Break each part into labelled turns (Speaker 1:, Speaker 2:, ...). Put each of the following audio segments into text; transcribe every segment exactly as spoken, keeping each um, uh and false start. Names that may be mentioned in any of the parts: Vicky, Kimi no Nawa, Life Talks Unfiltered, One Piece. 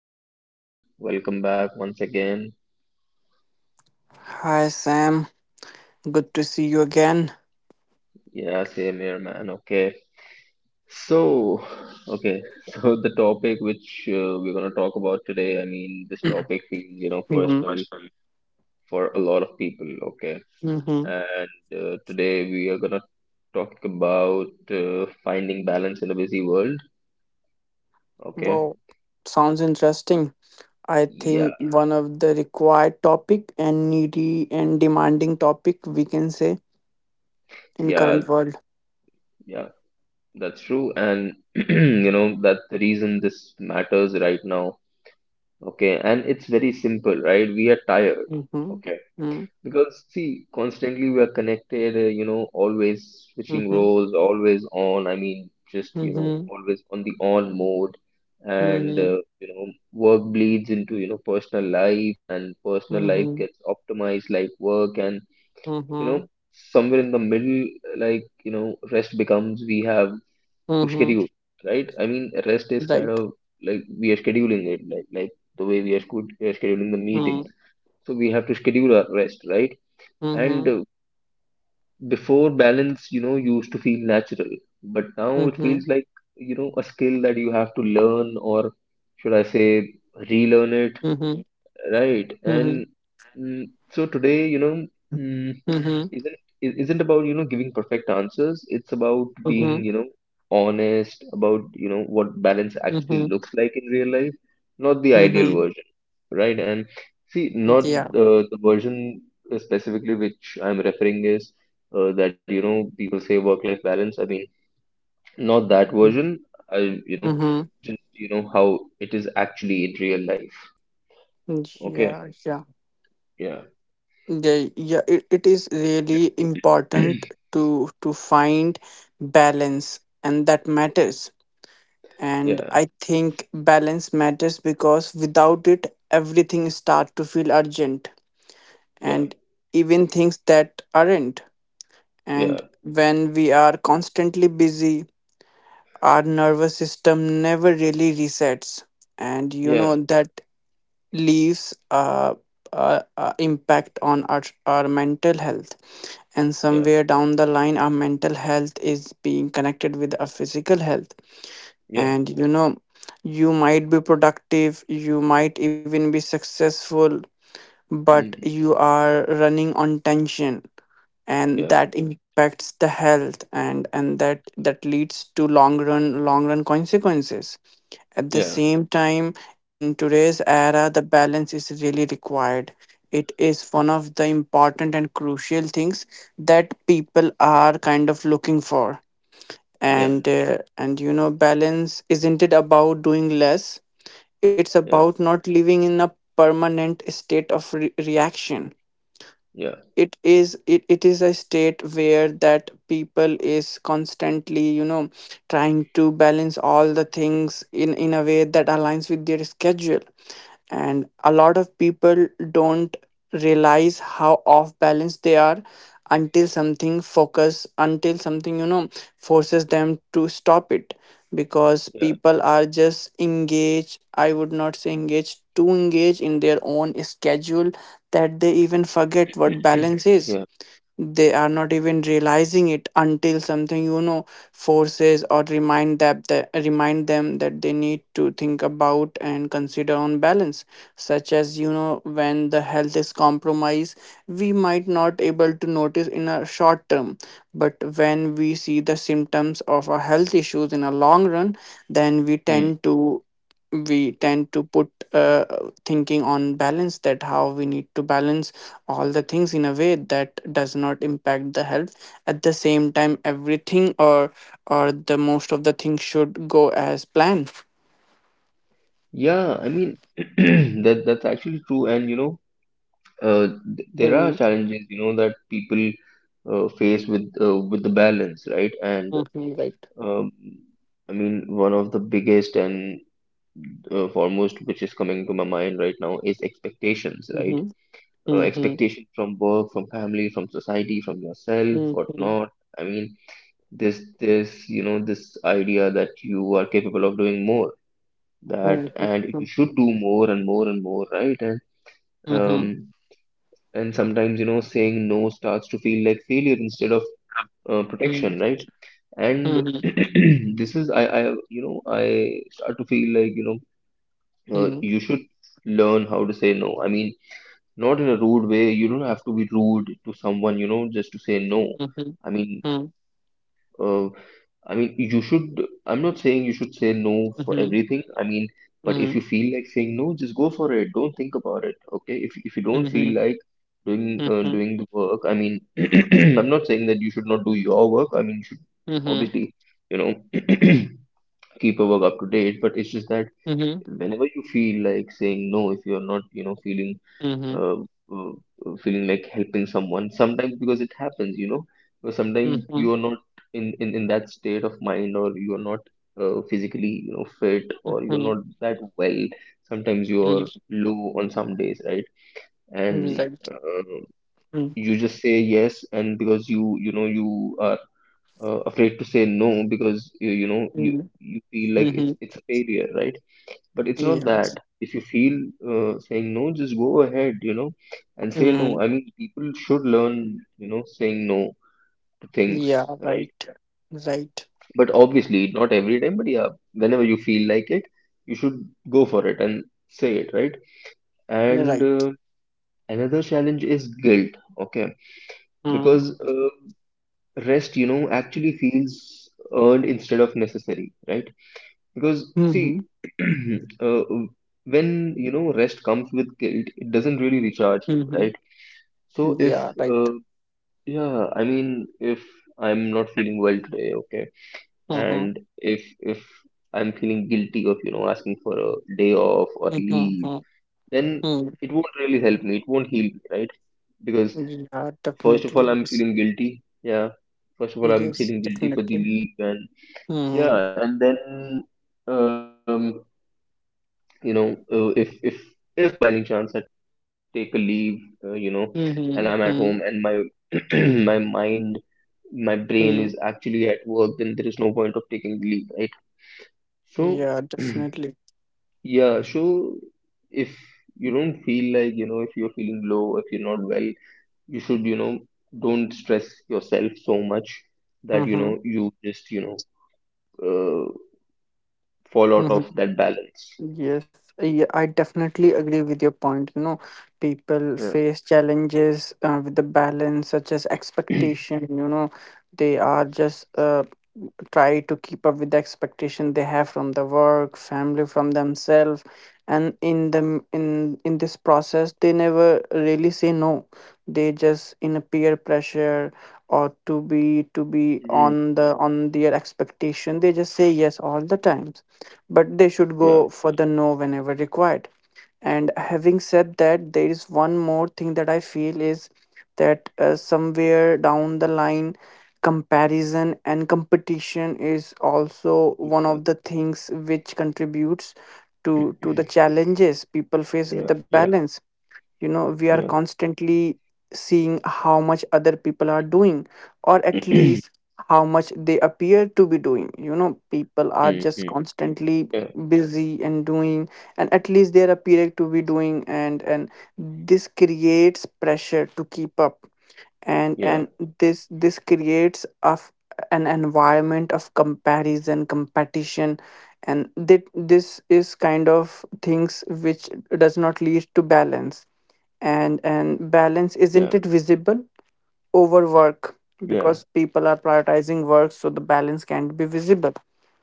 Speaker 1: Vicky, welcome back once again.
Speaker 2: Hi, Sam. Good to see you again.
Speaker 1: Yeah, same here, man. Okay. So, okay. So the topic which uh, we're gonna talk about today, I mean, this topic is, you know,
Speaker 2: Mhm.
Speaker 1: personal for a lot of people. Okay.
Speaker 2: Mm-hmm.
Speaker 1: And uh, today we are gonna talk about uh, finding balance in a busy world. Okay.
Speaker 2: Wow, sounds interesting. I
Speaker 1: Yeah,
Speaker 2: think one of the required topic and needy and demanding topic we can say in current
Speaker 1: yeah,
Speaker 2: world.
Speaker 1: yeah. That's true, and you know that's the reason this matters right now. Okay, and it's very simple, right? We are tired.
Speaker 2: Mm-hmm.
Speaker 1: Okay. Because, see, constantly we are connected, uh, you know, always switching
Speaker 2: Mm-hmm.
Speaker 1: roles, always on. I mean, just, you know,
Speaker 2: Mm-hmm.
Speaker 1: always on the on mode. And, uh,
Speaker 2: Mm-hmm.
Speaker 1: you know, work bleeds into, you know, personal life, and personal life
Speaker 2: Mm-hmm.
Speaker 1: gets optimized like work. And, you know,
Speaker 2: Mm-hmm.
Speaker 1: somewhere in the middle, like, you know, rest becomes we have to
Speaker 2: Mm-hmm.
Speaker 1: schedule, right? I mean, rest is kind
Speaker 2: Right.
Speaker 1: of like we are scheduling it, like like the way we are sched- uh, scheduling the meetings.
Speaker 2: Mm-hmm.
Speaker 1: So we have to schedule our rest, right? And
Speaker 2: Mm-hmm.
Speaker 1: uh, before balance, you know, used to feel natural, but now it feels
Speaker 2: Mm-hmm.
Speaker 1: like you know a skill that you have to learn, or should I say, relearn
Speaker 2: Mm-hmm.
Speaker 1: it. Right.
Speaker 2: Mm-hmm.
Speaker 1: And mm, so today, you know, mm,
Speaker 2: Mm-hmm.
Speaker 1: isn't i- isn't about, you know, giving perfect answers. It's about being, you know, honest about, you know, what balance actually
Speaker 2: Mm-hmm.
Speaker 1: looks like in real life, not the ideal
Speaker 2: Mm-hmm.
Speaker 1: version, right? And see, not
Speaker 2: Yeah.
Speaker 1: uh, the version specifically which I'm referring is uh, that, you know, people say work-life balance. I mean, not that version. I, you know,
Speaker 2: Mm-hmm.
Speaker 1: just, you know, how it is actually in real life. Okay.
Speaker 2: Yeah. Yeah.
Speaker 1: Yeah.
Speaker 2: Yeah, yeah, it, it is really important to to find balance and that matters. And
Speaker 1: Yeah,
Speaker 2: I think balance matters because without it everything start to feel urgent
Speaker 1: yeah,
Speaker 2: and even things that aren't. And
Speaker 1: yeah,
Speaker 2: when we are constantly busy, our nervous system never really resets. And you know
Speaker 1: yeah,
Speaker 2: that leaves a, a, a impact on our, our mental health, and
Speaker 1: yeah,
Speaker 2: somewhere down the line our mental health is being connected with our physical health.
Speaker 1: yeah,
Speaker 2: And you know, you might be productive, you might even be successful, but
Speaker 1: mm,
Speaker 2: you are running on tension, and
Speaker 1: yeah,
Speaker 2: that impacts the health, and and that that leads to long run long run consequences. At the
Speaker 1: yeah,
Speaker 2: same time, in today's era, the balance is really required. It is one of the important and crucial things that people are kind of looking for.
Speaker 1: yeah,
Speaker 2: And uh, and you know, balance isn't it about doing less? It's
Speaker 1: yeah,
Speaker 2: about not living in a permanent state of re- reaction.
Speaker 1: yeah,
Speaker 2: It is it, it is a state where that people is constantly, you know, trying to balance all the things in in a way that aligns with their schedule, and a lot of people don't realize how off balance they are until something focus until something, you know, forces them to stop it, because
Speaker 1: yeah,
Speaker 2: people are just engaged, I would not say engaged, too engaged in their own schedule, that they
Speaker 1: yeah,
Speaker 2: even forget what balance is. They are not even realizing it until something, you know, forces or remind that, that remind them that they need to think about and consider on balance, such as you know when the health is compromised, we might not able to notice in a short term, but when we see the symptoms of our health issues in a long run, then we
Speaker 1: mm.
Speaker 2: tend to we tend to put uh, thinking on balance, that how we need to balance all the things in a way that does not impact the health. At the same time, everything or or the most of the things should go as planned.
Speaker 1: Yeah. I mean, that that's actually true, and you know, uh, th- there are
Speaker 2: Mm-hmm.
Speaker 1: challenges, you know, that people uh, face with uh, with the balance, right? And
Speaker 2: Mm-hmm. Right.
Speaker 1: um, I mean, one of the biggest and uh, foremost, which is coming to my mind right now, is expectations, right?
Speaker 2: Mm-hmm.
Speaker 1: Uh,
Speaker 2: Mm-hmm.
Speaker 1: expectation from work, from family, from society, from yourself,
Speaker 2: Mm-hmm.
Speaker 1: whatnot. I mean, this, this, you know, this idea that you are capable of doing more, that,
Speaker 2: Mm-hmm.
Speaker 1: and you should do more and more and more, right? And,
Speaker 2: Mm-hmm.
Speaker 1: um, and sometimes, you know, saying no starts to feel like failure instead of uh, protection, right? And this is, I, I, you know, I start to feel like, you know, uh,
Speaker 2: Mm-hmm.
Speaker 1: you should learn how to say no. I mean, not in a rude way. You don't have to be rude to someone, you know, just to say no.
Speaker 2: Mm-hmm. Mm-hmm. Mm-hmm.
Speaker 1: I mean, uh, I mean, you should. I'm not saying you should say no for everything. I mean, but if
Speaker 2: Mm-hmm.
Speaker 1: you feel like saying no, just go for it. Don't think about it. Okay. If if you don't
Speaker 2: Mm-hmm.
Speaker 1: feel
Speaker 2: Mm-hmm.
Speaker 1: like doing uh,
Speaker 2: Mm-hmm.
Speaker 1: doing the work, I mean, I'm not saying that you should not do your work. I mean, you should
Speaker 2: Mm-hmm.
Speaker 1: obviously, you know, keep your work up to date. But it's just that
Speaker 2: Mm-hmm. Mhm.
Speaker 1: whenever you feel like saying no, if you're not, you know, feeling uh, uh, uh, feeling like helping someone sometimes, because it happens, you know. Because sometimes you
Speaker 2: Mhm.
Speaker 1: are not in, in in that state of mind, or you are not uh, physically, you know, fit, or you're not
Speaker 2: Mhm.
Speaker 1: that well. Sometimes you're low on some days, right.
Speaker 2: Mhm.
Speaker 1: And
Speaker 2: Right.
Speaker 1: uh, you just say yes, and because you you know you are uh, afraid to say no, because you, you know you
Speaker 2: Mm-hmm.
Speaker 1: you feel like it's
Speaker 2: Mm-hmm.
Speaker 1: it's a failure, right? But it's not
Speaker 2: Yeah.
Speaker 1: that. If you feel uh, saying no, just go ahead, you know, and say no.
Speaker 2: Mm-hmm.
Speaker 1: I mean, people should learn, you know, saying no to things,
Speaker 2: Yeah,
Speaker 1: right?
Speaker 2: right. Right.
Speaker 1: But obviously not every time, but yeah, whenever you feel like it, you should go for it and say it, right? And
Speaker 2: Right.
Speaker 1: uh, another challenge is guilt. Okay.
Speaker 2: Mm.
Speaker 1: Because uh, rest, you know, actually feels earned instead of necessary, right? Because see,
Speaker 2: Mm-hmm.
Speaker 1: uh, when you know rest comes with guilt, it doesn't really recharge you,
Speaker 2: Mm-hmm.
Speaker 1: right? So if
Speaker 2: Yeah, right.
Speaker 1: uh, yeah, I mean, if I'm not feeling well today, okay,
Speaker 2: Mm-hmm.
Speaker 1: and if if I'm feeling guilty of, you know, asking for a day off or leave,
Speaker 2: Mm-hmm.
Speaker 1: then
Speaker 2: Mm-hmm.
Speaker 1: it won't really help me. It won't heal me, right? Because
Speaker 2: Yeah,
Speaker 1: first of all,
Speaker 2: definitely.
Speaker 1: I'm
Speaker 2: Yes.
Speaker 1: feeling guilty. Yeah, first of all, I'm feeling
Speaker 2: Yes,
Speaker 1: guilty for the
Speaker 2: definitely.
Speaker 1: leave, and
Speaker 2: Mm-hmm.
Speaker 1: yeah, and then um. you know, uh, if if if by any chance I take a leave, uh, you know, and I'm at home, and
Speaker 2: Mm-hmm.
Speaker 1: my my mind my brain is
Speaker 2: Mm-hmm.
Speaker 1: actually at work, then there is no point of taking leave, right? So
Speaker 2: Yeah, definitely.
Speaker 1: yeah. So if you don't feel like, you know, if you're feeling low, if you're not well, you should, you know, don't stress yourself so much that, you know,
Speaker 2: Mm-hmm.
Speaker 1: you just, you know, uh, fall out of that balance.
Speaker 2: Yes, yeah, I definitely agree with your point. You know, people
Speaker 1: Yeah.
Speaker 2: face challenges uh, with the balance, such as expectation. You know, they are just uh, try to keep up with the expectation they have from the work, family, from themselves, and in them in in this process, they never really say no. They just in a peer pressure or to be
Speaker 1: Mm,
Speaker 2: to be on the on their expectation. They just say yes all the times, but they should
Speaker 1: yeah,
Speaker 2: go for the no whenever required. And having said that, there is one more thing that I feel is that uh, somewhere down the line, comparison and competition is also one
Speaker 1: yeah.
Speaker 2: of the things which contributes to to the challenges people face with
Speaker 1: Yeah,
Speaker 2: the
Speaker 1: yeah,
Speaker 2: balance. You know, we are
Speaker 1: yeah.
Speaker 2: constantly seeing how much other people are doing, or at least how much they appear to be doing. You know, people are
Speaker 1: Hmm.
Speaker 2: just constantly
Speaker 1: Yeah,
Speaker 2: busy and doing, and at least they are appearing to be doing, and and this creates pressure to keep up, and and
Speaker 1: yeah,
Speaker 2: this this creates of an environment of comparison competition, and that this is kind of things which does not lead to balance, and
Speaker 1: yeah,
Speaker 2: and balance isn't it visible over
Speaker 1: yeah,
Speaker 2: work, because people are prioritizing work, so the balance can't be visible.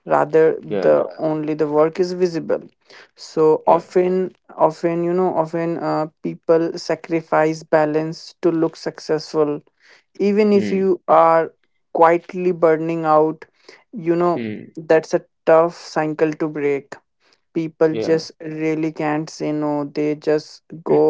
Speaker 2: Rather,
Speaker 1: yeah,
Speaker 2: the only the work is visible. So
Speaker 1: yeah.
Speaker 2: often often you know often, uh, people sacrifice balance to look successful, even if
Speaker 1: Mm,
Speaker 2: you are quietly burning out. You know,
Speaker 1: mm,
Speaker 2: that's a tough cycle to break. People
Speaker 1: yeah.
Speaker 2: just really can't say no. They just go,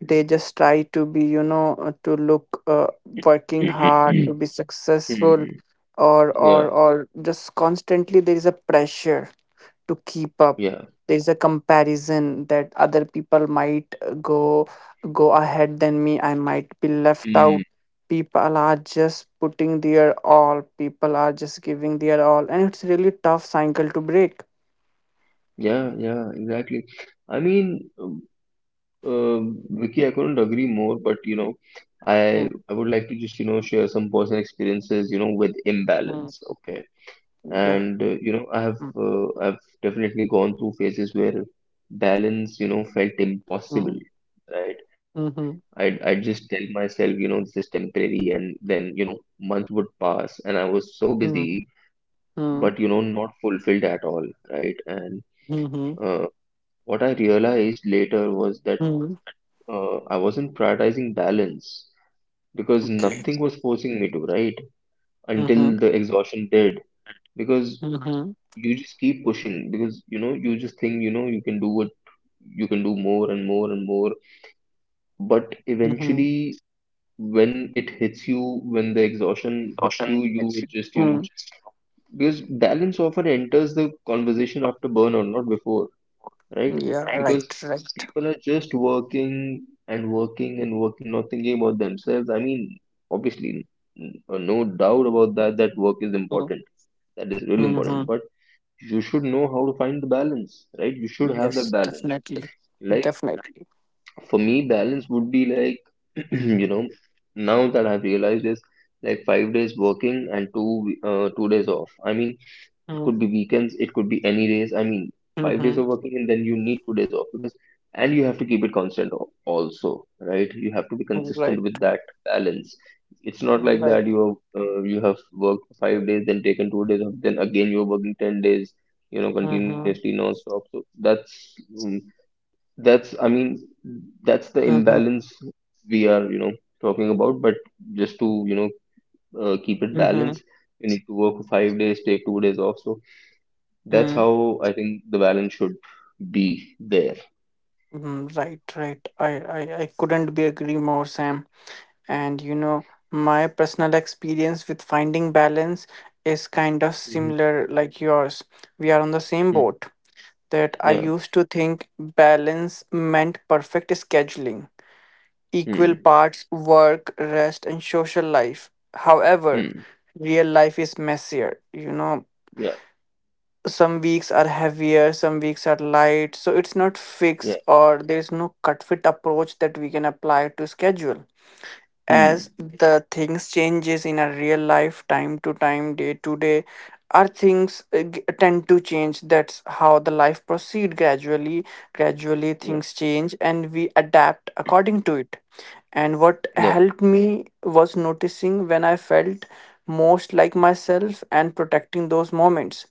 Speaker 2: they just try to be, you know, uh, to look uh, working hard to be successful,
Speaker 1: Mm,
Speaker 2: or
Speaker 1: yeah,
Speaker 2: or or just constantly there is a pressure to keep up.
Speaker 1: yeah.
Speaker 2: There is a comparison that other people might uh, go go ahead than me, I might be left
Speaker 1: Mm,
Speaker 2: out. People are just putting their all, people are just giving their all, and it's really tough cycle to break.
Speaker 1: yeah, yeah, exactly. I mean, um, uh, Vicky, I couldn't agree more, but you know, I
Speaker 2: Hmm.
Speaker 1: I would like to just, you know, share some personal experiences, you know, with imbalance, okay?
Speaker 2: Yeah.
Speaker 1: And uh, you know, I have uh, I've definitely gone through phases where balance, you know, felt impossible.
Speaker 2: Mhm.
Speaker 1: Right? I'd,
Speaker 2: Mhm.
Speaker 1: I'd just tell myself, you know, this is temporary. And then, you know, months would pass and I was so
Speaker 2: Mhm.
Speaker 1: busy,
Speaker 2: Mhm.
Speaker 1: but, you know, not fulfilled at all, right? And
Speaker 2: Mhm.
Speaker 1: uh, what I realized later was that
Speaker 2: Mhm.
Speaker 1: uh, I wasn't prioritizing balance because
Speaker 2: Okay.
Speaker 1: nothing was forcing me to, right?
Speaker 2: Mhm.
Speaker 1: Until the exhaustion did. Because
Speaker 2: Mhm.
Speaker 1: you just keep pushing because, you know, you just think, you know, you can do what you can do more and more and more. But
Speaker 2: Mhm.
Speaker 1: eventually, when it hits you, when the exhaustion hits you, you would just, you
Speaker 2: Mhm.
Speaker 1: know, because balance often enters the conversation after burnout, not before, right?
Speaker 2: Yeah. Right.
Speaker 1: Because
Speaker 2: Right.
Speaker 1: people are just working and working and working, not thinking about themselves. I mean, obviously, n- uh, no doubt about that, that work is
Speaker 2: Mm.
Speaker 1: important. That is really important.
Speaker 2: Mhm.
Speaker 1: But you should know how to find the balance, right? You should have that
Speaker 2: Yes.
Speaker 1: balance.
Speaker 2: Definitely.
Speaker 1: Like,
Speaker 2: Definitely.
Speaker 1: for me, balance would be like, you know, now that I've realized, is like five days working and two uh, two days off. I mean, it
Speaker 2: Mm.
Speaker 1: could be weekends, it could be any days. I mean, five days of
Speaker 2: Mhm.
Speaker 1: working, and then you need two days off. Because, and you have to keep it constant al- also, right? You have to be consistent
Speaker 2: Right.
Speaker 1: with that balance. It's not like that
Speaker 2: Right.
Speaker 1: you have uh, you have worked five days, then taken two days off, then again you're working ten days, you know, continuously,
Speaker 2: Mhm.
Speaker 1: non-stop. So that's mm, that's, I mean, that's the
Speaker 2: Mhm.
Speaker 1: imbalance we are, you know, talking about. But just to, you know, uh, keep it
Speaker 2: Mhm.
Speaker 1: balanced, you need to work for five days, take two days off. So that's
Speaker 2: Mhm.
Speaker 1: how I think the balance should be there.
Speaker 2: Mhm. Right. Right. I. I. I couldn't be agree more, Sam. And you know, my personal experience with finding balance is kind of
Speaker 1: Hmm.
Speaker 2: similar like yours. We are on the same
Speaker 1: Hmm.
Speaker 2: boat, that I
Speaker 1: Yeah.
Speaker 2: used to think balance meant perfect scheduling, equal
Speaker 1: Hmm.
Speaker 2: parts work, rest, and social life. However,
Speaker 1: Hmm.
Speaker 2: real life is messier. You know,
Speaker 1: Yeah.
Speaker 2: some weeks are heavier, some weeks are light. So it's not fixed,
Speaker 1: Yeah.
Speaker 2: or there is no cut fit approach that we can apply to schedule, as
Speaker 1: Hmm.
Speaker 2: the things changes in a real life, time to time, day to day, our things uh, g- tend to change. That's how the life proceed gradually gradually
Speaker 1: Yeah.
Speaker 2: things change and we adapt according to it. And what
Speaker 1: Yeah.
Speaker 2: helped me was noticing when I felt most like myself and protecting those moments.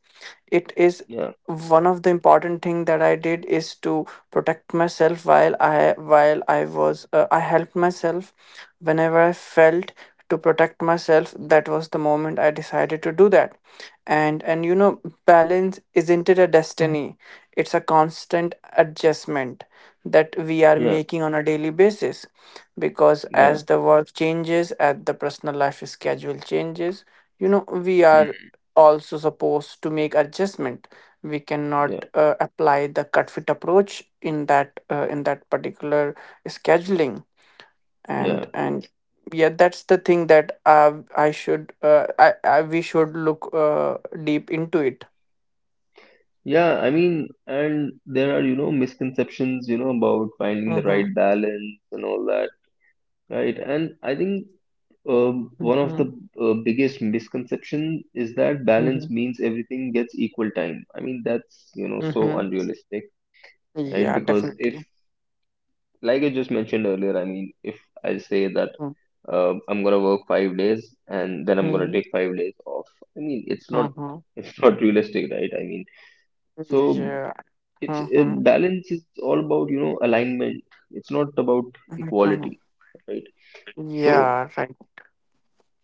Speaker 2: It is
Speaker 1: Yeah.
Speaker 2: one of the important thing that I did, is to protect myself while i while I was uh, I helped myself. Whenever I felt to protect myself, that was the moment I decided to do that. And and you know, balance isn't it a destiny? It's a constant adjustment that we are
Speaker 1: Yeah.
Speaker 2: making on a daily basis. Because
Speaker 1: Yeah.
Speaker 2: as the work changes, as the personal life schedule changes, you know, we are
Speaker 1: Hmm.
Speaker 2: also supposed to make adjustment. We cannot
Speaker 1: Yeah.
Speaker 2: uh, apply the cut fit approach in that uh, in that particular scheduling. and
Speaker 1: Yeah.
Speaker 2: and yeah, that's the thing that uh, I should uh, I, I we should look uh, deep into it.
Speaker 1: Yeah. I mean, and there are, you know, misconceptions, you know, about finding the
Speaker 2: Mm-hmm.
Speaker 1: right balance and all that. Right, and I think um, one of
Speaker 2: Mm-hmm.
Speaker 1: the uh, biggest misconception is that
Speaker 2: Mm-hmm.
Speaker 1: balance means everything gets equal time. I mean, that's, you know, so
Speaker 2: Mm-hmm.
Speaker 1: unrealistic, right?
Speaker 2: Yeah,
Speaker 1: Because if,
Speaker 2: definitely.
Speaker 1: like I just mentioned earlier, I mean, if I say that
Speaker 2: Mm-hmm.
Speaker 1: uh, I'm gonna work five days and then I'm gonna take five days off, I mean, it's not,
Speaker 2: Mm-hmm.
Speaker 1: it's not realistic, right? I mean, so
Speaker 2: Yeah.
Speaker 1: it's uh,
Speaker 2: Mm-hmm.
Speaker 1: balance is all about, you know, alignment. It's not about
Speaker 2: Mm-hmm.
Speaker 1: equality, right? So
Speaker 2: Yeah, right.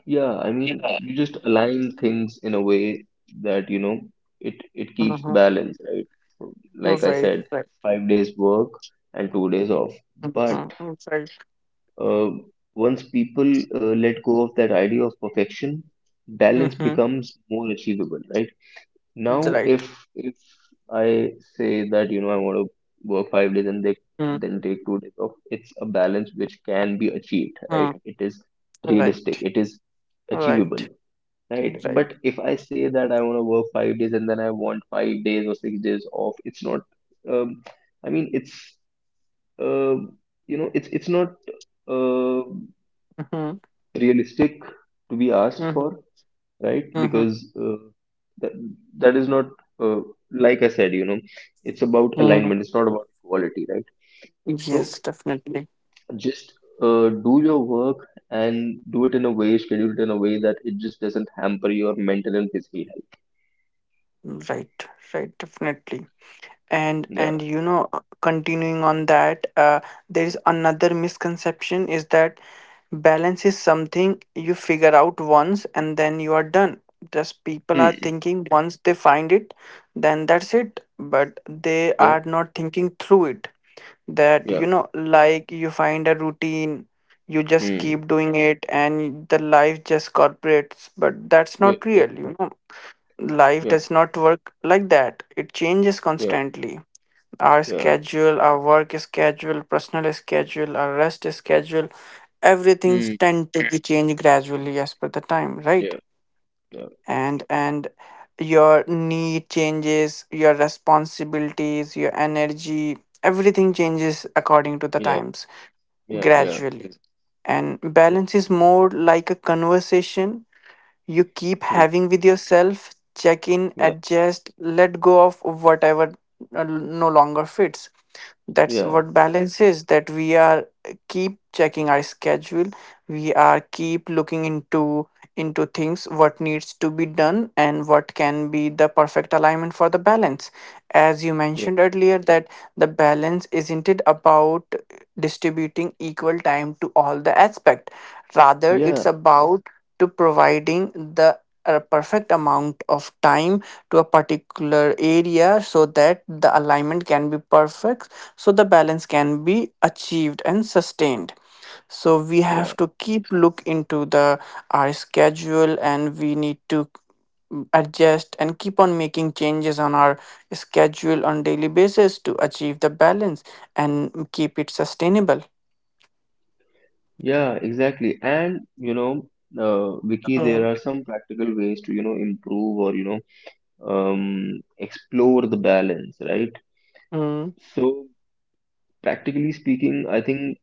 Speaker 1: yeah, I mean, you just align things in a way that, you know, it it keeps the
Speaker 2: Mm-hmm.
Speaker 1: balance, right? So, like I
Speaker 2: Right.
Speaker 1: said,
Speaker 2: Right.
Speaker 1: five days work and two days off. But
Speaker 2: Mm-hmm. Right.
Speaker 1: uh, once people uh, let go of that idea of perfection, balance
Speaker 2: Mm-hmm.
Speaker 1: becomes more achievable, right? Now,
Speaker 2: Right.
Speaker 1: if if I say that, you know, I want to work five days and they, then take two days off, it's a balance which can be achieved, right?
Speaker 2: Mm-hmm.
Speaker 1: It is realistic.
Speaker 2: Right.
Speaker 1: It is
Speaker 2: Right.
Speaker 1: achievable, right?
Speaker 2: Right.
Speaker 1: But if I say that I want to work five days and then I want five days or six days off, it's not. Um, I mean, it's uh, you know, it's it's not uh,
Speaker 2: Mm-hmm.
Speaker 1: realistic to be asked
Speaker 2: Mm-hmm.
Speaker 1: for, right?
Speaker 2: Mm-hmm.
Speaker 1: Because uh, that that is not uh, like I said, you know, it's about
Speaker 2: Mm-hmm.
Speaker 1: alignment. It's not about equality, right?
Speaker 2: Yes,
Speaker 1: So
Speaker 2: definitely.
Speaker 1: just uh, do your work and do it in a way, schedule it in a way that it just doesn't hamper your mental and physical
Speaker 2: Right, right, definitely. And and
Speaker 1: health.
Speaker 2: you know, uh, continuing on that, uh, there is
Speaker 1: Yeah.
Speaker 2: another misconception, is that balance is something you figure out once and then you are done. Just people are
Speaker 1: Yeah.
Speaker 2: thinking once they find it, then that's it. But they
Speaker 1: Yeah.
Speaker 2: are not thinking through it. That
Speaker 1: Yeah.
Speaker 2: you know, like you find a routine, you just
Speaker 1: Mm.
Speaker 2: keep doing it, and the life just corporates. But that's
Speaker 1: Yeah.
Speaker 2: not real,
Speaker 1: Yeah.
Speaker 2: you know. Life
Speaker 1: Yeah. Yep,
Speaker 2: does not work like that. It changes
Speaker 1: yep,
Speaker 2: constantly. Our
Speaker 1: yeah.
Speaker 2: schedule, our work schedule, personal schedule, our rest schedule, everything
Speaker 1: Mm,
Speaker 2: tend to be changed gradually as per the time, right?
Speaker 1: yeah, yeah,
Speaker 2: And and your need changes, your responsibilities, your energy, everything changes according to the
Speaker 1: yeah,
Speaker 2: times
Speaker 1: yeah, yeah,
Speaker 2: gradually. And
Speaker 1: yeah,
Speaker 2: balance is more like a conversation you keep
Speaker 1: mm,
Speaker 2: having with yourself, check in,
Speaker 1: yeah,
Speaker 2: adjust, let go of whatever uh, no longer fits. That's
Speaker 1: yeah,
Speaker 2: what balance is, that we are keep checking our schedule, we are keep looking into into things, what needs to be done and what can be the perfect alignment for the balance. As you
Speaker 1: yeah,
Speaker 2: mentioned earlier, that the balance isn't it about distributing equal time to all the aspect, rather it's
Speaker 1: yeah,
Speaker 2: about to providing the a perfect amount of time to a particular area, so that the alignment can be perfect, so the balance can be achieved and sustained. So we have
Speaker 1: yeah,
Speaker 2: to keep look into the our schedule, and we need to mm, adjust and keep on making changes on our schedule on daily basis to achieve the balance and keep it sustainable.
Speaker 1: yeah, exactly. And you know, uh, Vicky, there
Speaker 2: Mm.
Speaker 1: are some practical ways to, you know, improve or, you know, um, explore the balance, right?
Speaker 2: Mm.
Speaker 1: So, practically speaking, I think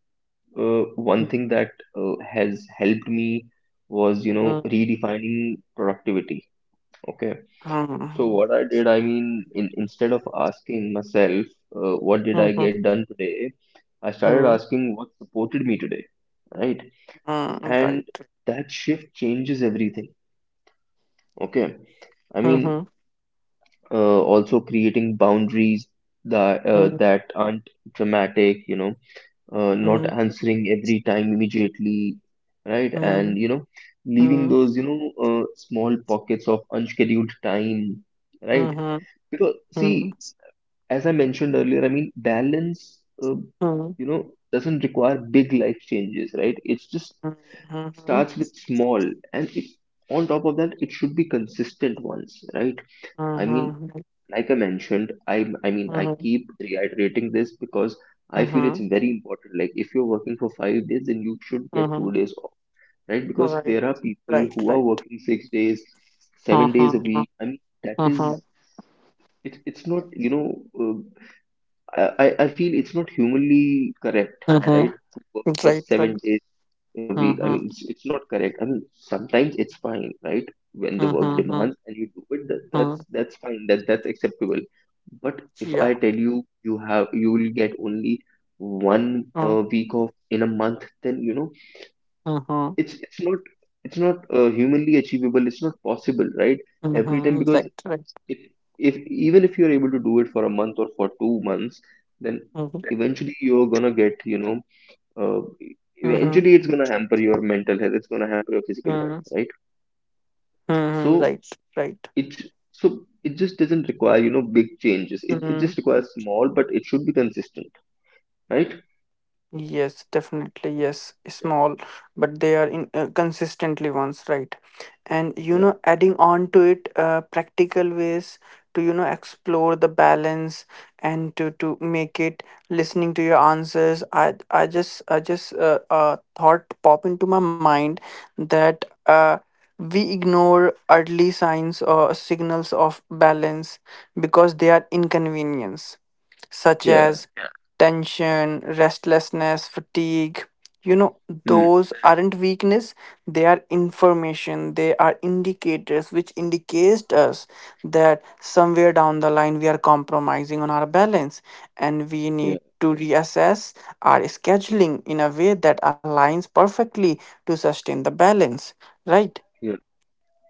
Speaker 1: uh, one thing that uh, has helped me was, you know,
Speaker 2: Mm.
Speaker 1: redefining productivity. Okay. So
Speaker 2: Mm.
Speaker 1: what I did, I mean, in, instead of asking myself, uh, what did I
Speaker 2: Mhm.
Speaker 1: get done today, I started
Speaker 2: Mm.
Speaker 1: asking what supported me today, right?
Speaker 2: Mm.
Speaker 1: And
Speaker 2: Right.
Speaker 1: that shift changes everything. Okay. I mean,
Speaker 2: Mhm.
Speaker 1: uh, also creating boundaries that uh,
Speaker 2: Mm.
Speaker 1: that aren't dramatic, you know, uh, not
Speaker 2: Mm.
Speaker 1: answering every time immediately, right? And
Speaker 2: Mm.
Speaker 1: you know, leaving
Speaker 2: Mm.
Speaker 1: those, you know, uh, small pockets of unscheduled time, right?
Speaker 2: Mhm.
Speaker 1: Because
Speaker 2: Mm.
Speaker 1: see, as I mentioned earlier, I mean, balance, uh,
Speaker 2: Mm.
Speaker 1: you know, doesn't require big life changes, right? It's just
Speaker 2: Mhm. Mhm.
Speaker 1: starts with small, and it, on top of that, it should be consistent ones, right? I mean,
Speaker 2: Mhm.
Speaker 1: like I mentioned, I, I mean, I
Speaker 2: Mhm.
Speaker 1: keep reiterating this because I feel it's
Speaker 2: Uh-huh.
Speaker 1: very important. Like, if you're working for five days, then you should get two
Speaker 2: Uh-huh.
Speaker 1: days off, right? Because
Speaker 2: Right.
Speaker 1: there are people
Speaker 2: Right.
Speaker 1: who are
Speaker 2: Right.
Speaker 1: working six days, seven days a
Speaker 2: Uh-huh.
Speaker 1: week. I mean, that
Speaker 2: Uh-huh.
Speaker 1: is, it, it's not, you know. Uh, I, I I feel it's not humanly correct,
Speaker 2: Uh-huh.
Speaker 1: right?
Speaker 2: Uh-huh.
Speaker 1: To work for
Speaker 2: Right. Right.
Speaker 1: seven days in a week. I
Speaker 2: Uh-huh.
Speaker 1: mean, it's, it's not correct. I mean, sometimes it's fine, right? When the work
Speaker 2: Uh-huh. Uh-huh.
Speaker 1: demands and you do it, that,
Speaker 2: Uh-huh.
Speaker 1: that's that's fine. That that's acceptable. But if I
Speaker 2: Yeah.
Speaker 1: tell you you have you will get only one
Speaker 2: Uh,
Speaker 1: uh, week off in a month, then you know
Speaker 2: Uh-huh.
Speaker 1: it's it's not it's not uh, humanly achievable. It's not possible, right? Every time,
Speaker 2: Uh-huh.
Speaker 1: because
Speaker 2: Right. Right.
Speaker 1: if if even if you're able to do it for a month or for two months, then
Speaker 2: Uh-huh.
Speaker 1: eventually you're gonna get, you know, uh,
Speaker 2: Uh-huh.
Speaker 1: eventually it's gonna hamper your mental health, it's gonna hamper your physical health,
Speaker 2: Uh-huh.
Speaker 1: right? So
Speaker 2: Right. Right.
Speaker 1: it so it just doesn't require, you know, big changes, it, it
Speaker 2: Mm-hmm.
Speaker 1: just requires small, but it should be consistent, right?
Speaker 2: Yes, definitely. Yes,
Speaker 1: Yeah,
Speaker 2: small, but they are in uh, consistently ones, right? And you
Speaker 1: yeah,
Speaker 2: know, adding on to it, uh, practical ways to you know explore the balance and to to make it, listening to your answers. I I just I just uh, uh thought pop into my mind, that uh we ignore early signs or signals of balance because they are inconvenience, such
Speaker 1: yeah.
Speaker 2: as tension, restlessness, fatigue. You know,
Speaker 1: Hmm.
Speaker 2: those aren't weakness, they are information, they are indicators which indicates us that somewhere down the line we are compromising on our balance and we
Speaker 1: Yeah,
Speaker 2: need to reassess our scheduling in a way that aligns perfectly to sustain the balance, right?
Speaker 1: yeah,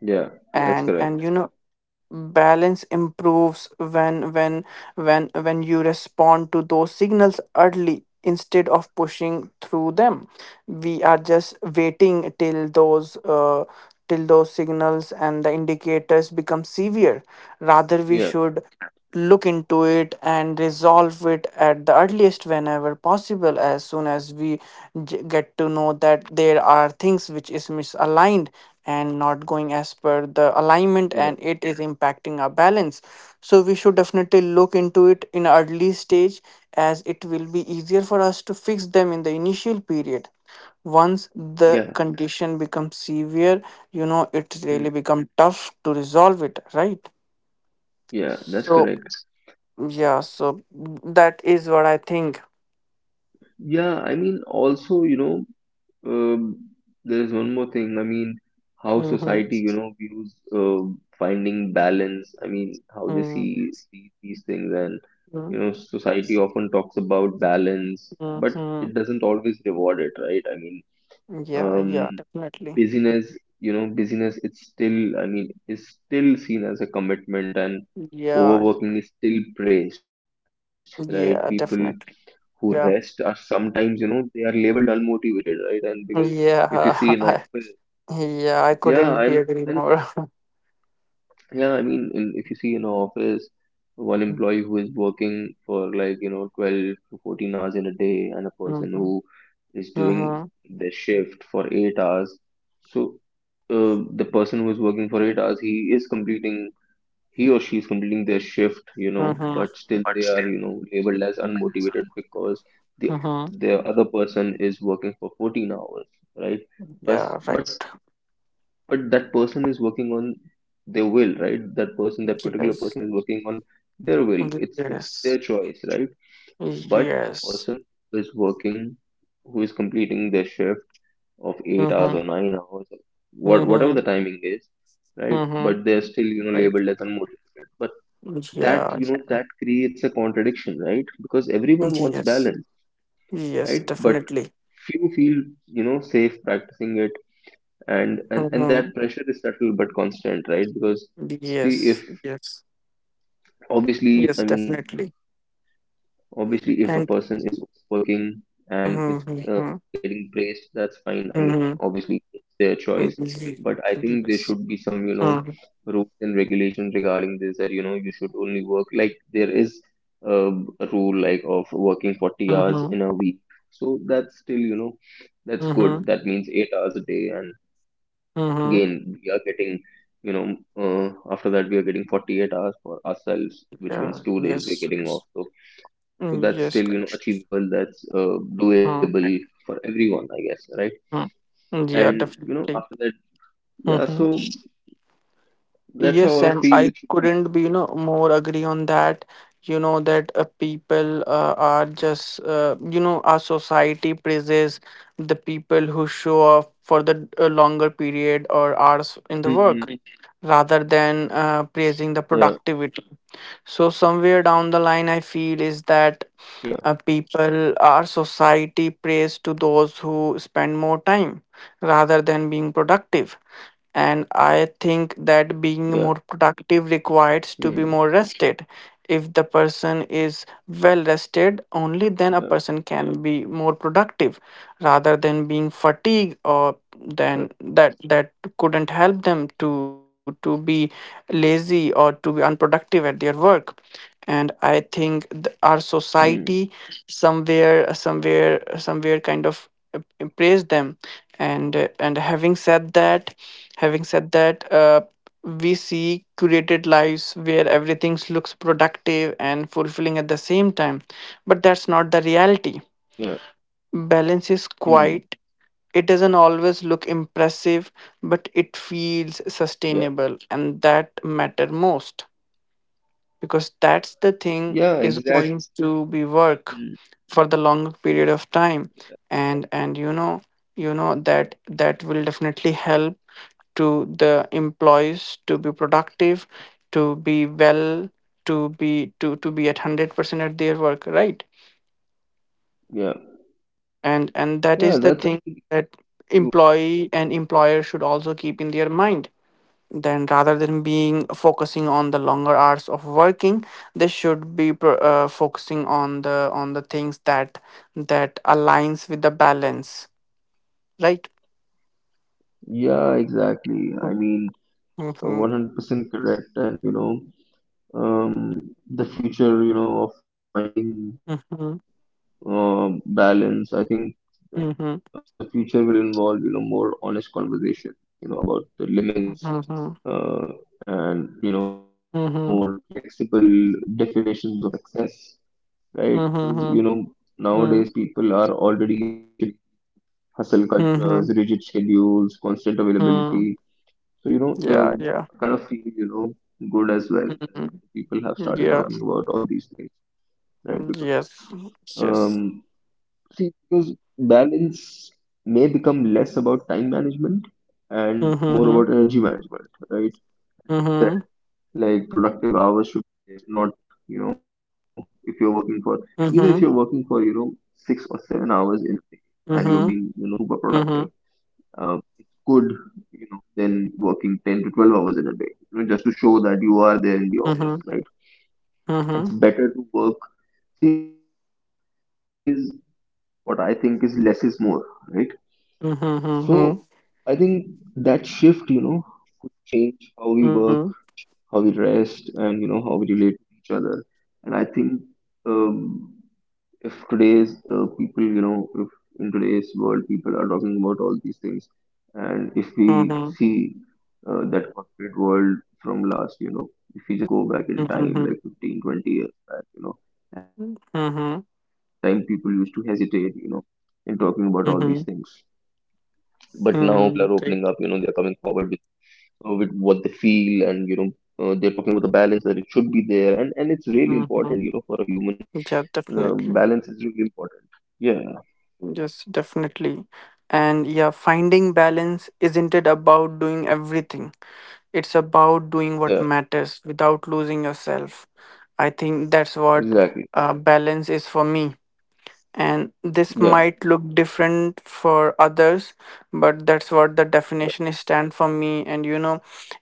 Speaker 1: yeah, that's
Speaker 2: and
Speaker 1: correct.
Speaker 2: and you know balance improves when when when when you respond to those signals early instead of pushing through them. We are just waiting till those uh, till those signals and the indicators become severe. Rather, we
Speaker 1: Yeah,
Speaker 2: should look into it and resolve it at the earliest whenever possible, as soon as we j- get to know that there are things which is misaligned and not going as
Speaker 1: yeah,
Speaker 2: per the alignment and it is impacting our balance. So we should definitely look into it in early stage, as it will be easier for us to fix them in the initial period. Once
Speaker 1: yeah.
Speaker 2: the condition becomes severe, you know it
Speaker 1: Hmm.
Speaker 2: really become tough to resolve it, right?
Speaker 1: Yeah, that's
Speaker 2: so
Speaker 1: correct.
Speaker 2: yeah, so that is what I think.
Speaker 1: Yeah, I mean, also, you know, Um, there is one more thing. I mean, how
Speaker 2: Mm-hmm.
Speaker 1: society, you know, views uh, finding balance. I mean, how they see, see these things, and
Speaker 2: Mm-hmm.
Speaker 1: you know, society often talks about balance, but it doesn't always reward it, right? I mean,
Speaker 2: Yeah,
Speaker 1: um,
Speaker 2: yeah, definitely.
Speaker 1: busyness, you know, busyness. It's still, I mean, is still seen as a commitment, and
Speaker 2: Yeah,
Speaker 1: overworking is still praised, right? People
Speaker 2: yeah, definitely.
Speaker 1: who rest are
Speaker 2: Yeah,
Speaker 1: sometimes, you know, they are labeled unmotivated, right? And because if you see in
Speaker 2: yeah,
Speaker 1: office.
Speaker 2: I, yeah, I
Speaker 1: Yeah, I
Speaker 2: couldn't
Speaker 1: know,
Speaker 2: be
Speaker 1: I
Speaker 2: agree
Speaker 1: know.
Speaker 2: more.
Speaker 1: Yeah, I mean, in, if you see in office one employee who is working for like, you know, twelve to fourteen hours in a day and a person
Speaker 2: Mm-hmm.
Speaker 1: who is doing
Speaker 2: Mm-hmm.
Speaker 1: their shift for eight hours. So uh, the person who is working for eight hours, he is completing he or she is completing their shift, you know,
Speaker 2: Mm-hmm.
Speaker 1: but still they are, you know, labeled as unmotivated because the
Speaker 2: Mm-hmm.
Speaker 1: the other person is working for fourteen hours, right? But
Speaker 2: Yeah, right.
Speaker 1: but but that person is working on their will, right? That person, that particular
Speaker 2: Yes,
Speaker 1: person is working on their will. It's it's their
Speaker 2: yes,
Speaker 1: choice, right? But a
Speaker 2: yes.
Speaker 1: person who is working, who is completing their shift of eight hours
Speaker 2: Mm-hmm.
Speaker 1: or nine hours, or what whatever the
Speaker 2: Mm-hmm.
Speaker 1: timing is, right?
Speaker 2: Mm-hmm.
Speaker 1: But they're still, you know,
Speaker 2: Right.
Speaker 1: labeled as unmotivated. But that,
Speaker 2: Yeah,
Speaker 1: you know, that creates a contradiction, right? Because everyone wants
Speaker 2: yes,
Speaker 1: balance,
Speaker 2: yes,
Speaker 1: right? But
Speaker 2: definitely.
Speaker 1: few feel, you know, safe practicing it, and and, and
Speaker 2: Mm-hmm.
Speaker 1: that pressure is subtle but constant, right? Because see if
Speaker 2: Yes, yes,
Speaker 1: obviously
Speaker 2: yes,
Speaker 1: I mean
Speaker 2: definitely.
Speaker 1: obviously, if a
Speaker 2: And
Speaker 1: person is working and
Speaker 2: mm-hmm,
Speaker 1: is uh,
Speaker 2: mm-hmm,
Speaker 1: getting praised, that's fine. I mean,
Speaker 2: mm-hmm,
Speaker 1: obviously, it's their choice.
Speaker 2: mm-hmm,
Speaker 1: But I think there
Speaker 2: yes,
Speaker 1: should be some, you know,
Speaker 2: mm-hmm,
Speaker 1: rules and regulations regarding this, that, you know, you should only work, like, there is uh, a rule like of working forty hours
Speaker 2: mm-hmm,
Speaker 1: in a week. So that's still, you know, that's
Speaker 2: mm-hmm,
Speaker 1: good. That means eight hours a day. And
Speaker 2: mm-hmm,
Speaker 1: again, we are getting, you know, uh, after that, we are getting forty-eight hours for ourselves, which
Speaker 2: yeah,
Speaker 1: means two days we're
Speaker 2: yes,
Speaker 1: getting off.
Speaker 2: yes,
Speaker 1: So so
Speaker 2: mm,
Speaker 1: that's
Speaker 2: yes,
Speaker 1: still, you know, achievable, that's uh, doable
Speaker 2: mm-hmm,
Speaker 1: for everyone, I guess, right?
Speaker 2: mm-hmm, yeah,
Speaker 1: And you know, after
Speaker 2: definitely.
Speaker 1: that, yeah,
Speaker 2: Mm-hmm.
Speaker 1: so that's how
Speaker 2: Yes,
Speaker 1: I
Speaker 2: and
Speaker 1: feel it
Speaker 2: I
Speaker 1: should be.
Speaker 2: couldn't be, you know, more agree on that. You know that uh, people uh, are just, uh, you know, our society praises the people who show up for the uh, longer period or hours in the work.
Speaker 1: Mm,
Speaker 2: Mhm. Rather than uh,
Speaker 1: yeah,
Speaker 2: praising the productivity. So somewhere down the line,
Speaker 1: yeah,
Speaker 2: I feel is that uh, people, our society praise to those who spend more time rather than being
Speaker 1: yeah,
Speaker 2: productive. And I think
Speaker 1: mm,
Speaker 2: that being more productive requires to be more rested. If the person is
Speaker 1: yeah,
Speaker 2: well rested, only then a person can be more productive, rather than being fatigued,
Speaker 1: correct.
Speaker 2: or then that that couldn't help them to to be lazy or to be unproductive at their work. And I think th- our
Speaker 1: Mm,
Speaker 2: society somewhere somewhere somewhere kind of uh, praise them. And uh, and having said that, having said that uh, we see curated lives where everything looks productive and fulfilling at the same time, but that's not the reality.
Speaker 1: yeah,
Speaker 2: Balance is
Speaker 1: mm,
Speaker 2: quiet, it doesn't always look impressive, but it feels
Speaker 1: yeah,
Speaker 2: sustainable, and that matter most, because that's the thing
Speaker 1: yeah,
Speaker 2: is
Speaker 1: exactly.
Speaker 2: going to be work
Speaker 1: Mm,
Speaker 2: for the long period of time. And and you know you know that that will definitely help to the employees to be productive, to be well, to be to to be at one hundred percent at their work, right?
Speaker 1: yeah,
Speaker 2: and and that is the
Speaker 1: yeah, that's
Speaker 2: thing
Speaker 1: actually
Speaker 2: that
Speaker 1: true.
Speaker 2: employee and employer should also keep in their mind. Then rather than being focusing on the longer hours of working, they should be pro- uh, focusing on the on the things that that aligns with the balance, right?
Speaker 1: Yeah, exactly, I mean, uh,
Speaker 2: Mm-hmm.
Speaker 1: one hundred percent correct. And you know, um, the future, you know, of finding
Speaker 2: Mm-hmm.
Speaker 1: uh,
Speaker 2: Mm-hmm.
Speaker 1: balance. I think uh, the future will involve, you
Speaker 2: Mm-hmm.
Speaker 1: know, more honest conversation, you know, about the limits, uh, and, you know, more flexible definitions
Speaker 2: Mm-hmm.
Speaker 1: of success, right? Because, you know, nowadays people are
Speaker 2: Mm-hmm.
Speaker 1: already, you know, questioning hustle cultures, rigid schedules,
Speaker 2: Mm-hmm.
Speaker 1: constant availability. So, you
Speaker 2: Mm-hmm.
Speaker 1: know, uh, I kind of
Speaker 2: Yeah,
Speaker 1: feel,
Speaker 2: yeah,
Speaker 1: you know, good as well that people
Speaker 2: mm-hmm,
Speaker 1: have started talking
Speaker 2: yeah,
Speaker 1: about all these things. Right. Because,
Speaker 2: yes, yes,
Speaker 1: um, see, because balance may become less about time management and more
Speaker 2: mm-hmm.
Speaker 1: about energy management, right? That,
Speaker 2: Mm-hmm.
Speaker 1: like, productive hours should be there, not, you know, if you're working for, even if you're
Speaker 2: Mm-hmm.
Speaker 1: working
Speaker 2: Mm-hmm.
Speaker 1: for, you know, six or seven hours in a day and you're being, you know, super productive,
Speaker 2: Mm-hmm.
Speaker 1: um, it's good, you know, than working ten to twelve hours in a day, you know, just to show that you are there in the
Speaker 2: Mm-hmm.
Speaker 1: office,
Speaker 2: Mm-hmm.
Speaker 1: right? It's better to work. See, always what I think is less is more, right? So I think
Speaker 2: Mm-hmm.
Speaker 1: that shift, you know, could change how we work, how we rest, and you know how we relate to each other. And I think um, if today's uh, people, you know, if in today's world people are talking about all these things, and if we see
Speaker 2: Mm-hmm.
Speaker 1: uh, that corporate world from last, you know, if we just go back in
Speaker 2: Mhm,
Speaker 1: time, like
Speaker 2: mhm,
Speaker 1: fifteen, twenty years back, you know, at that time people
Speaker 2: mhm,
Speaker 1: used to hesitate, you know, in talking about all these things.
Speaker 2: mhm,
Speaker 1: But now people are opening up, you know,
Speaker 2: mhm,
Speaker 1: they are
Speaker 2: right.
Speaker 1: coming forward with, uh, with what they feel, and, you know, uh, they're talking about the balance, that it should be there. And, and it's really important,
Speaker 2: Mhm.
Speaker 1: you know, for a human,
Speaker 2: Yeah,
Speaker 1: the
Speaker 2: definitely.
Speaker 1: balance is really important. Yeah,
Speaker 2: Yes, definitely. And yeah, finding balance isn't it about doing everything? It's about doing what
Speaker 1: yeah,
Speaker 2: matters without losing yourself. I think that's what
Speaker 1: exactly.
Speaker 2: uh, balance is for me, and this
Speaker 1: Yeah,
Speaker 2: might look different for others, but that's what the
Speaker 1: yeah,
Speaker 2: definition is stand for me. And you know,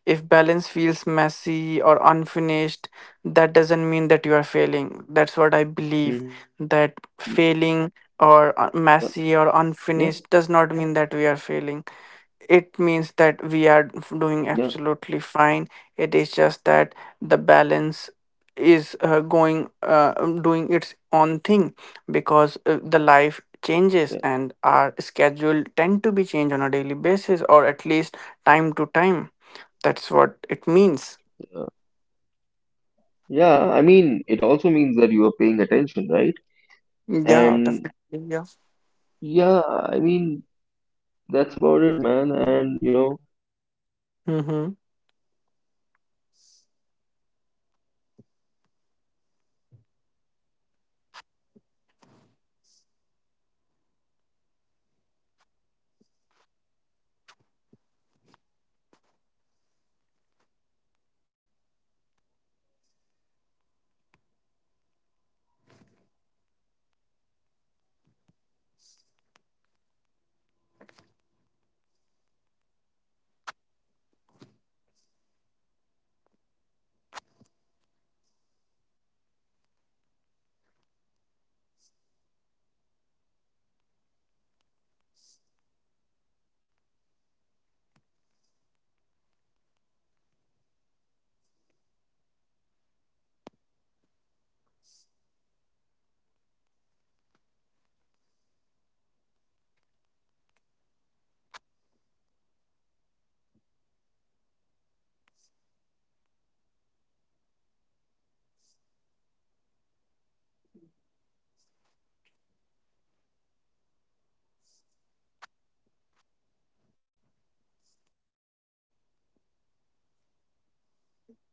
Speaker 2: if balance feels messy or unfinished, that doesn't mean that you are failing. That's what
Speaker 1: hmm,
Speaker 2: I believe, that
Speaker 1: yeah,
Speaker 2: failing or
Speaker 1: yeah,
Speaker 2: uh, messy or unfinished does not mean that we are failing. It means that we are
Speaker 1: yeah,
Speaker 2: f- doing absolutely fine. It is just that the balance is uh, going uh, um, doing its own thing, because uh, the life changes and our schedule tend to be changed on a daily basis, or at least time to time. That's what it means.
Speaker 1: yeah. Yeah, I mean, it also means that you are paying attention, right?
Speaker 2: Yeah, definitely.
Speaker 1: And
Speaker 2: Yeah.
Speaker 1: yeah, I mean, that's about it, man. And you know, that feels like the
Speaker 2: Mm-hmm.
Speaker 1: right note to end on, I guess. And uh, yeah, thank you for joining, Vicky. It's been really, you know, good talking to you about this, because it was really important topic, you know. And I had this topic in my mind from few days, and I wanted to bring this up. So yeah, Vicky, thank you so much uh, for your time and thank you so much for joining. You came in uh, and you know gave a time, and yeah, man, it was really nice talking to you. Also, uh, everyone out there, li- uh, to the listeners, thank you for listening. Okay, and Vicky, please uh, take care of your time and your energy. Uh, we'll talk soon. Okay, and yeah, uh, I'm gonna see you in some other podcast. Uh, and yeah, have a nice day ahead and looking forward to, you know, uh, seeing you again on this podcast and having some, you know, good converse. Thank you, man. Peace out.